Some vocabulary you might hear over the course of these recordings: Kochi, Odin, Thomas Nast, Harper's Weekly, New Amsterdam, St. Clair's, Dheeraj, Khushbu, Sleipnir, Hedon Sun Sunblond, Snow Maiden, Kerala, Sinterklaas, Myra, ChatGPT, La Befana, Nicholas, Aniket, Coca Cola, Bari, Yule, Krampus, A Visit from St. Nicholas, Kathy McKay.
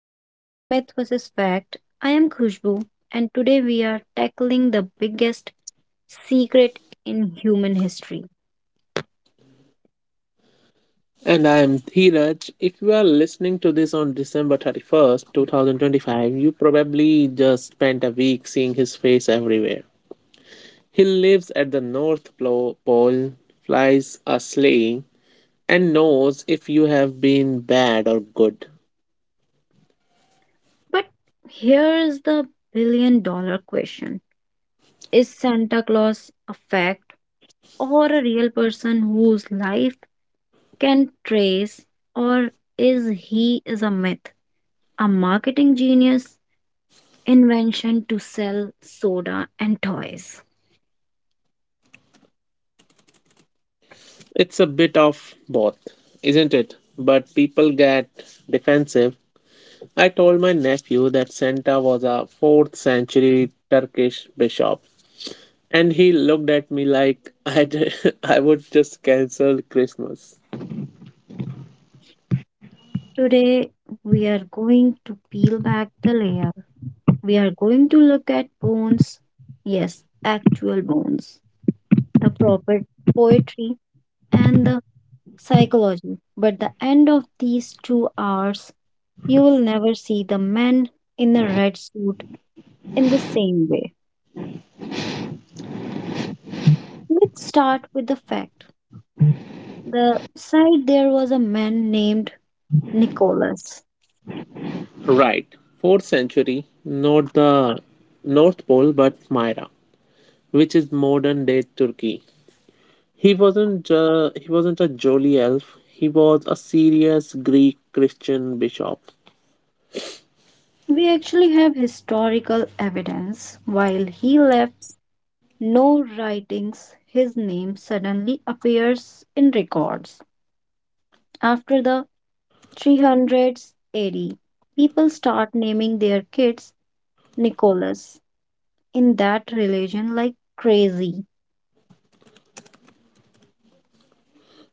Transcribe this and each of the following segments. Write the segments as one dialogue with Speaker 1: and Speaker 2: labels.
Speaker 1: Welcome to the Myth versus Fact. I am Khushbu, and today we are tackling the biggest secret in human history.
Speaker 2: And I am Dheeraj. If you are listening to this on December 31st, 2025, you probably just spent a week seeing his face everywhere. He lives at the Pole, flies a sleigh, and knows if you have been bad or good.
Speaker 1: But here is the billion dollar question. Is Santa Claus a fact or a real person whose life can trace, or is he is a myth, a marketing genius invention to sell soda and toys?
Speaker 2: It's a bit of both, isn't it? But people get defensive. I told my nephew that Santa was a 4th century Turkish bishop, and he looked at me like I would just cancel Christmas.
Speaker 1: Today, we are going to peel back the layer. We are going to look at bones, yes, actual bones, the proper poetry, and the psychology. But the end of these two hours, you will never see the man in the red suit in the same way. Let's start with the fact. The side there was a man named Nicholas.
Speaker 2: Right, 4th century, not the North Pole but Myra, which is modern day Turkey. He wasn't a jolly elf, he was a serious Greek Christian bishop.
Speaker 1: We actually have historical evidence. While he left, no writings, his name suddenly appears in records. After the 300s AD, people start naming their kids Nicholas in that religion like crazy.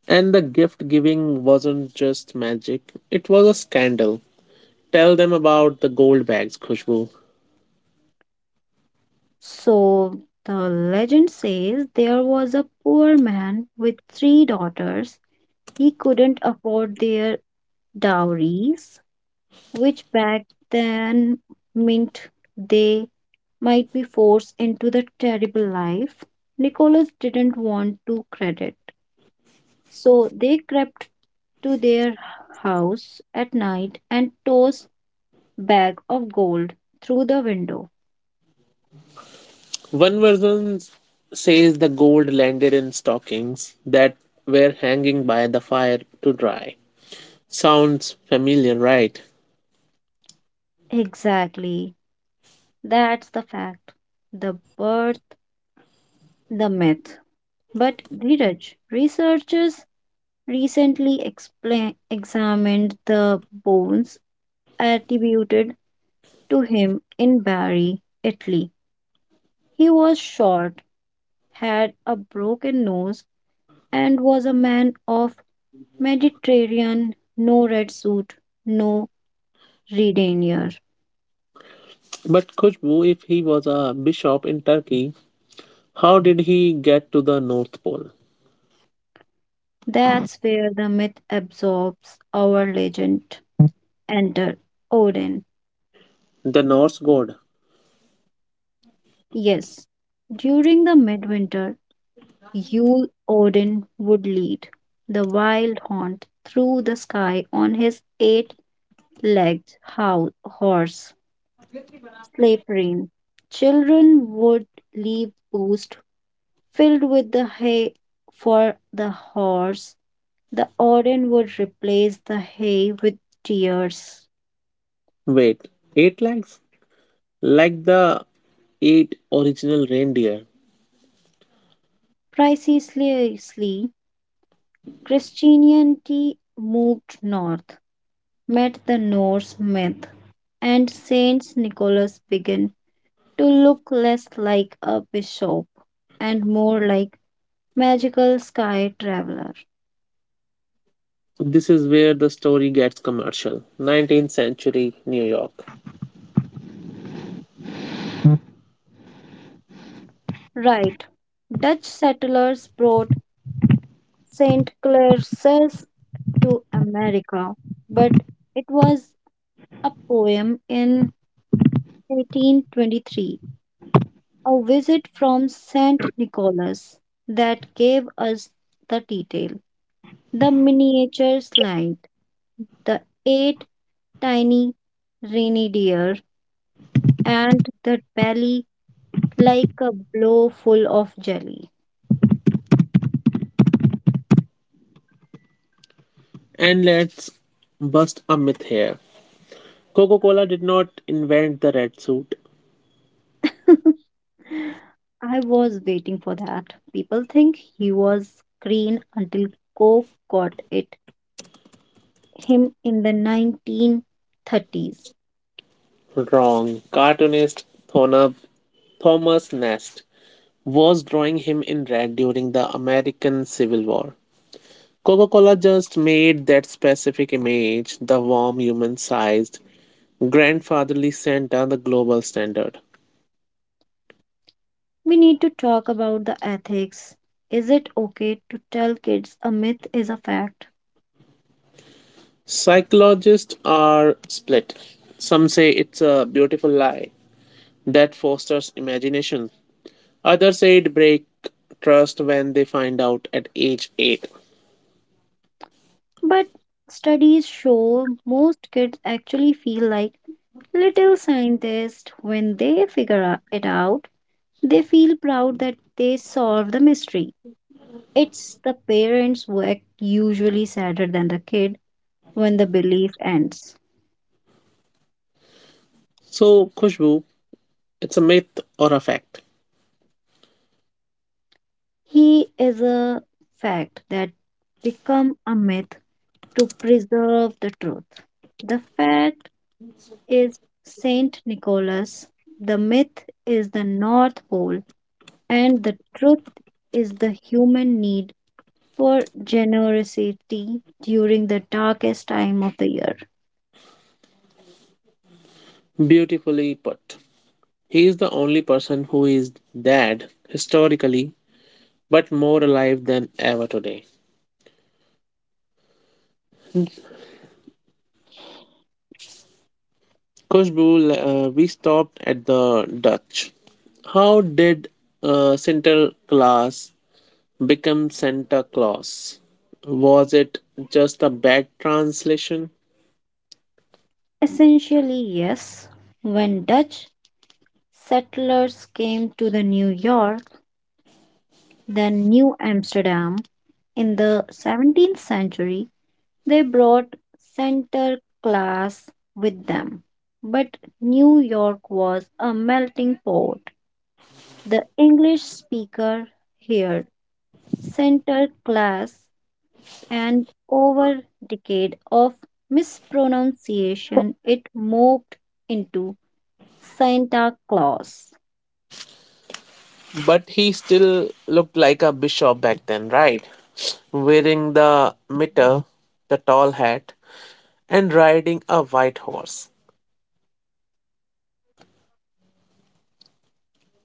Speaker 2: And the gift giving wasn't just magic, it was a scandal. Tell them about the gold bags, Khushbu.
Speaker 1: So the legend says there was a poor man with 3 daughters. He couldn't afford their dowries, which back then meant they might be forced into the terrible life Nicholas didn't want to credit. So they crept to their house at night and tossed bag of gold through the window.
Speaker 2: One version says the gold landed in stockings that were hanging by the fire to dry. Sounds familiar, right?
Speaker 1: Exactly. That's the fact. The birth, the myth. But Dhiraj, researchers recently explain, examined the bones attributed to him in Bari, Italy. He was short, had a broken nose, and was a man of Mediterranean, no red suit, no red retainer.
Speaker 2: But Khushbu, if he was a bishop in Turkey, how did he get to the North Pole?
Speaker 1: That's where the myth absorbs our legend. Enter Odin.
Speaker 2: The Norse god.
Speaker 1: Yes, during the midwinter, Yule Odin would lead the wild hunt through the sky on his eight legged horse, Sleipnir. Children would leave booths filled with the hay for the horse. The Odin would replace the hay with tears.
Speaker 2: Wait, eight legs? Like the eight original reindeer.
Speaker 1: Precisely, Christianity moved north, met the Norse myth, and Saint Nicholas began to look less like a bishop and more like magical sky traveler.
Speaker 2: This is where the story gets commercial. 19th century New York.
Speaker 1: Right. Dutch settlers brought St. Clair's to America, but it was a poem in 1823, a visit from St. Nicholas, that gave us the detail. The miniature slide, the eight tiny rainy deer, and the belly like a blow full of jelly.
Speaker 2: And let's bust a myth here. Coca Cola did not invent the red suit.
Speaker 1: I was waiting for that. People think he was green until Coke got it him in the 1930s.
Speaker 2: Wrong. Cartoonist Thomas Nast was drawing him in red during the American Civil War. Coca Cola just made that specific image the warm, human sized, grandfatherly Santa the global standard.
Speaker 1: We need to talk about the ethics. Is it okay to tell kids a myth is a fact?
Speaker 2: Psychologists are split. Some say it's a beautiful lie that fosters imagination. Others say it breaks trust when they find out at age 8.
Speaker 1: But studies show most kids actually feel like little scientists when they figure it out. They feel proud that they solved the mystery. It's the parents who act usually sadder than the kid when the belief ends.
Speaker 2: So, Khushbu, it's a myth or a fact.
Speaker 1: He is a fact that become a myth to preserve the truth. The fact is Saint Nicholas, the myth is the North Pole, and the truth is the human need for generosity during the darkest time of the year.
Speaker 2: Beautifully put. He is the only person who is dead historically, but more alive than ever today. Khushbu, we stopped at the Dutch. How did Sinterklaas become Santa Claus? Was it just a bad translation?
Speaker 1: Essentially, yes, when Dutch settlers came to the New York, then New Amsterdam in the 17th century, they brought Santa Claus with them. But New York was a melting pot. The English speaker heard Santa Claus and over decade of mispronunciation it morphed into Santa Claus.
Speaker 2: But he still looked like a bishop back then, right? Wearing the mitre, the tall hat, and riding a white horse.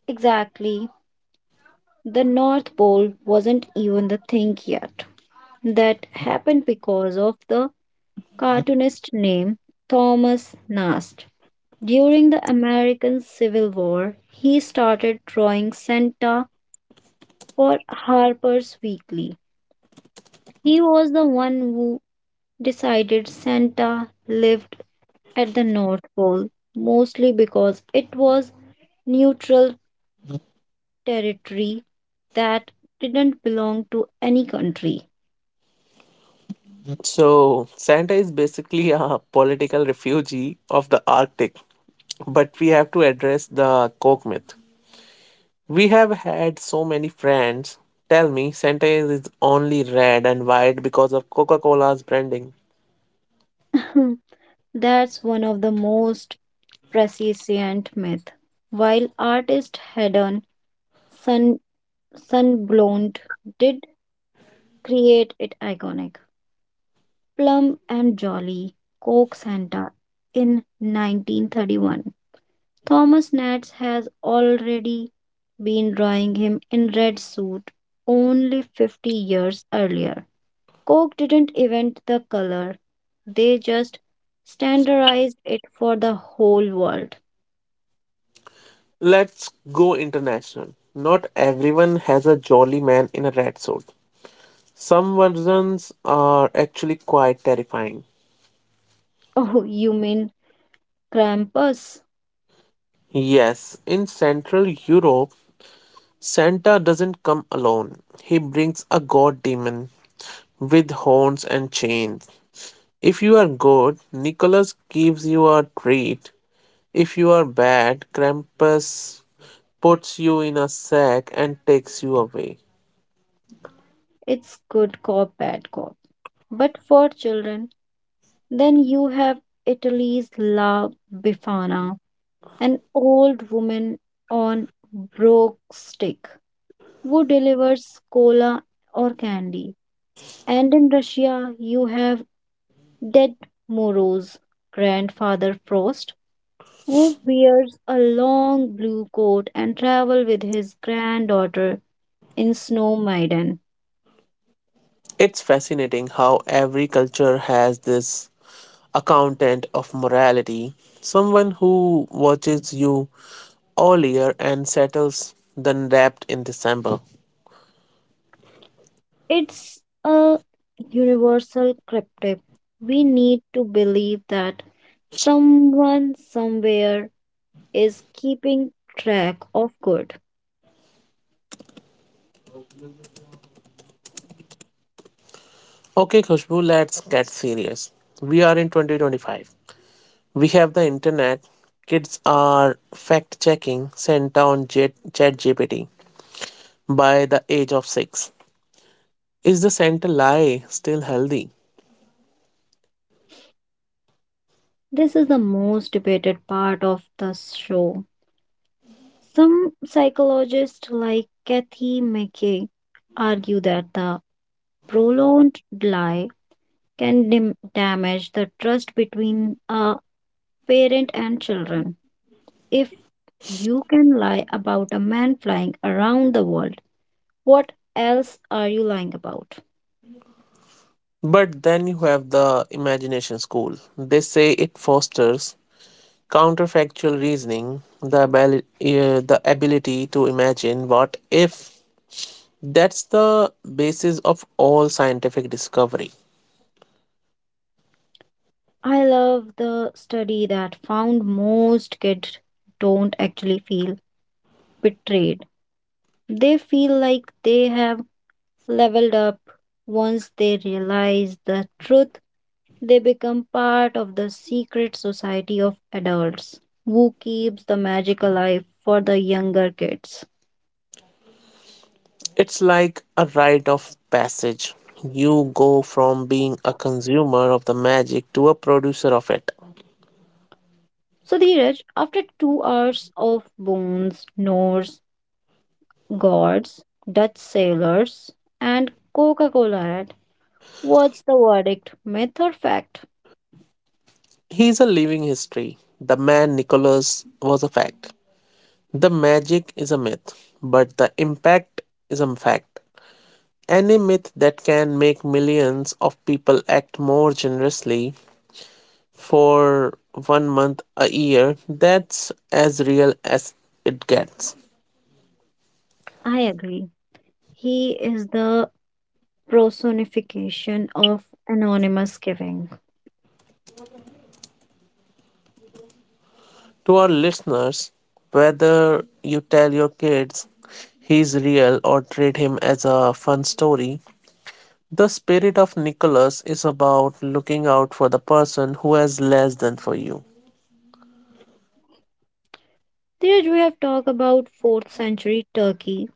Speaker 1: Exactly. The North Pole wasn't even the thing yet. That happened because of the cartoonist name Thomas Nast. During the American Civil War, he started drawing Santa for Harper's Weekly. He was the one who decided Santa lived at the North Pole, mostly because it was neutral territory that didn't belong to any country.
Speaker 2: So, Santa is basically a political refugee of the Arctic, but we have to address the Coke myth. We have had so many friends tell me Santa is only red and white because of Coca Cola's branding.
Speaker 1: That's one of the most prescient myths. While artist Hedon Sun Sunblond did create it iconic. Plum and Jolly, Coke Santa in 1931. Thomas Nats has already been drawing him in red suit only 50 years earlier. Coke didn't invent the color, they just standardized it for the whole world.
Speaker 2: Let's go international. Not everyone has a jolly man in a red suit. Some versions are actually quite terrifying.
Speaker 1: Oh, you mean Krampus?
Speaker 2: Yes, in Central Europe, Santa doesn't come alone. He brings a god demon with horns and chains. If you are good, Nicholas gives you a treat. If you are bad, Krampus puts you in a sack and takes you away.
Speaker 1: It's good cop, bad cop. But for children, then you have Italy's La Befana, an old woman on broke stick who delivers cola or candy. And in Russia, you have Dead Moro's grandfather Frost, who wears a long blue coat and travel with his granddaughter in Snow Maiden.
Speaker 2: It's fascinating how every culture has this accountant of morality, someone who watches you all year and settles the debt in December.
Speaker 1: It's a universal cryptic. We need to believe that someone somewhere is keeping track of good.
Speaker 2: Okay, Khushbu, let's get serious. We are in 2025. We have the internet. Kids are fact checking ChatGPT by the age of 6. Is the center lie still healthy?
Speaker 1: This is the most debated part of the show. Some psychologists, like Kathy McKay, argue that the prolonged lie can damage the trust between a parent and children. If you can lie about a man flying around the world, what else are you lying about?
Speaker 2: But then you have the imagination school. They say it fosters counterfactual reasoning, the ability to imagine what if. That's the basis of all scientific discovery.
Speaker 1: I love the study that found most kids don't actually feel betrayed. They feel like they have leveled up. Once they realize the truth, they become part of the secret society of adults who keeps the magic alive for the younger kids.
Speaker 2: It's like a rite of passage. You go from being a consumer of the magic to a producer of it.
Speaker 1: So, Dheeraj, after two hours of bones, snores, gods, Dutch sailors, and Coca Cola ad. What's the verdict? Myth or fact?
Speaker 2: He's a living history. The man Nicholas was a fact. The magic is a myth, but the impact is a fact. Any myth that can make millions of people act more generously for one month a year, that's as real as it gets.
Speaker 1: I agree. He is the personification of anonymous giving.
Speaker 2: To our listeners, whether you tell your kids he's real or treat him as a fun story, the spirit of Nicholas is about looking out for the person who has less than for you.
Speaker 1: Did we have talked about 4th century Turkey,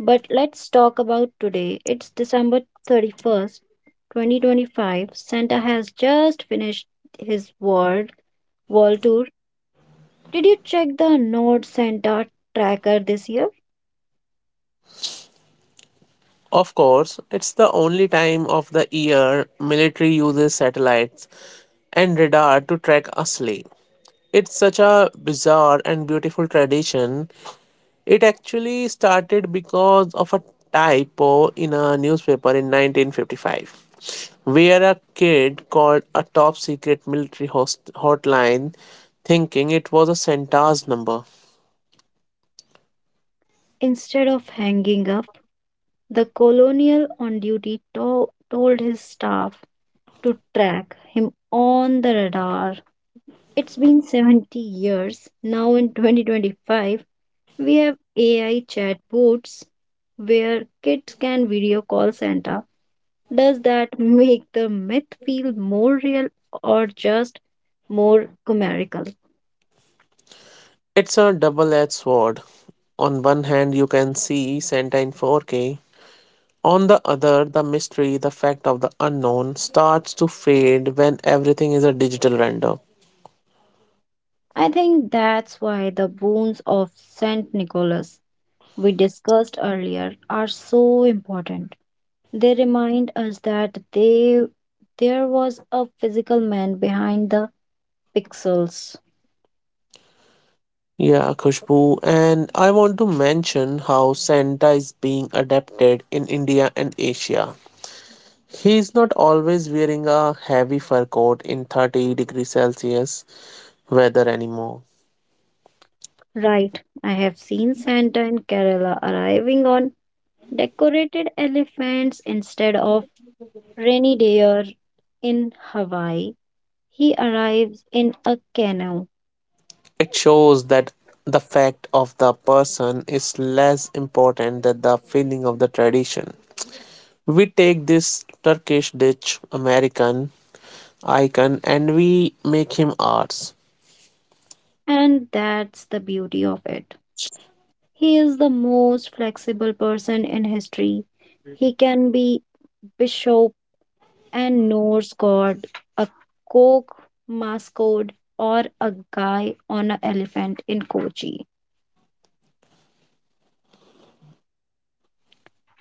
Speaker 1: but let's talk about today. It's December 31st, 2025. Santa has just finished his world tour. Did you check the Nord Santa tracker this year?
Speaker 2: Of course, it's the only time of the year military uses satellites and radar to track a sleigh. It's such a bizarre and beautiful tradition. It actually started because of a typo in a newspaper in 1955, where a kid called a top secret hotline thinking it was a Santa's number.
Speaker 1: Instead of hanging up, the colonial on duty to- told his staff to track him on the radar. It's been 70 years. Now in 2025, we have AI chatbots where kids can video call Santa. Does that make the myth feel more real or just more chimerical?
Speaker 2: It's a double edged sword. On one hand, you can see Santa in 4K. On the other, the mystery, the fact of the unknown, starts to fade when everything is a digital render.
Speaker 1: I think that's why the boons of St. Nicholas we discussed earlier are so important. They remind us that there was a physical man behind the pixels.
Speaker 2: Yeah, Khushbu, and I want to mention how Santa is being adapted in India and Asia. He is not always wearing a heavy fur coat in 30 degrees Celsius weather anymore.
Speaker 1: Right, I have seen Santa in Kerala arriving on decorated elephants instead of rainy deer in Hawaii. He arrives in a canoe,
Speaker 2: It shows that the fact of the person is less important than the feeling of the tradition. We take this Turkish dish American icon and we make him ours.
Speaker 1: and that's the beauty of it. He is the most flexible person in history. He can be bishop and Norse god, a Coke mascot, or a guy on an elephant in Kochi.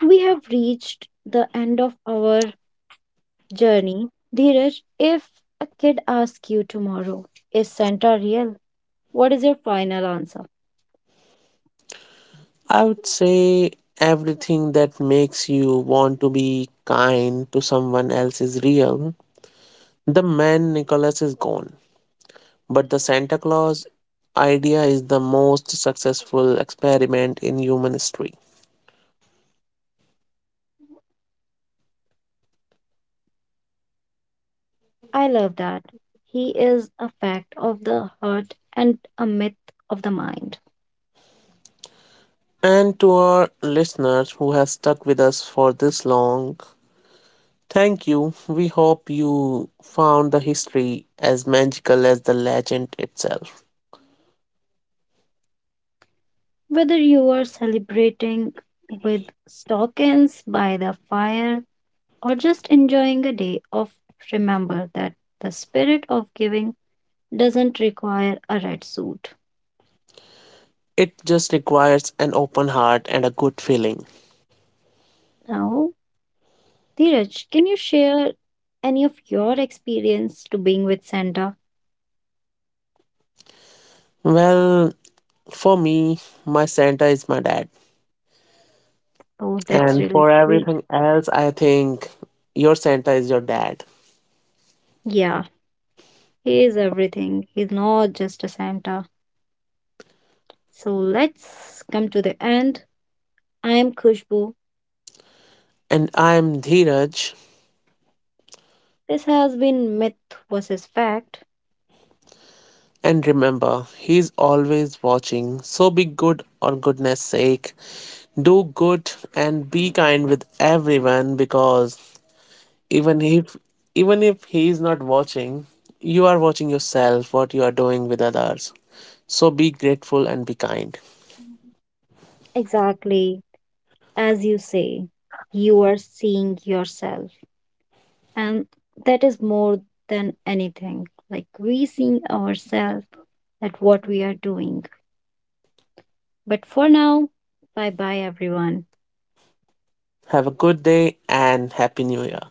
Speaker 1: We have reached the end of our journey. Dheeraj, if a kid asks you tomorrow, is Santa real? What is your final answer?
Speaker 2: I would say everything that makes you want to be kind to someone else is real. The man Nicholas is gone, but the Santa Claus idea is the most successful experiment in human history.
Speaker 1: I love that. He is a fact of the heart and a myth of the mind.
Speaker 2: And to our listeners who have stuck with us for this long, thank you. We hope you found the history as magical as the legend itself.
Speaker 1: Whether you are celebrating with stockings by the fire or just enjoying a day of, remember that the spirit of giving doesn't require a red suit.
Speaker 2: It just requires an open heart and a good feeling.
Speaker 1: Now, Dheeraj, can you share any of your experience to being with Santa?
Speaker 2: Well, for me, my Santa is my dad.
Speaker 1: Oh, that's
Speaker 2: And
Speaker 1: really
Speaker 2: for
Speaker 1: sweet.
Speaker 2: everything else, I think your Santa is your dad.
Speaker 1: Yeah, he is everything. He's not just a Santa. So let's come to the end. I am Kushbu.
Speaker 2: And I'm Dheeraj.
Speaker 1: This has been myth versus fact.
Speaker 2: And remember, he's always watching. So be good or goodness sake. Do good and be kind with everyone because even if even if he's not watching, you are watching yourself what you are doing with others. So be grateful and be kind.
Speaker 1: Exactly as you say, you are seeing yourself. And that is more than anything like re-seeing ourselves at what we are doing, but for now, bye bye everyone.
Speaker 2: Have a good day and happy new year.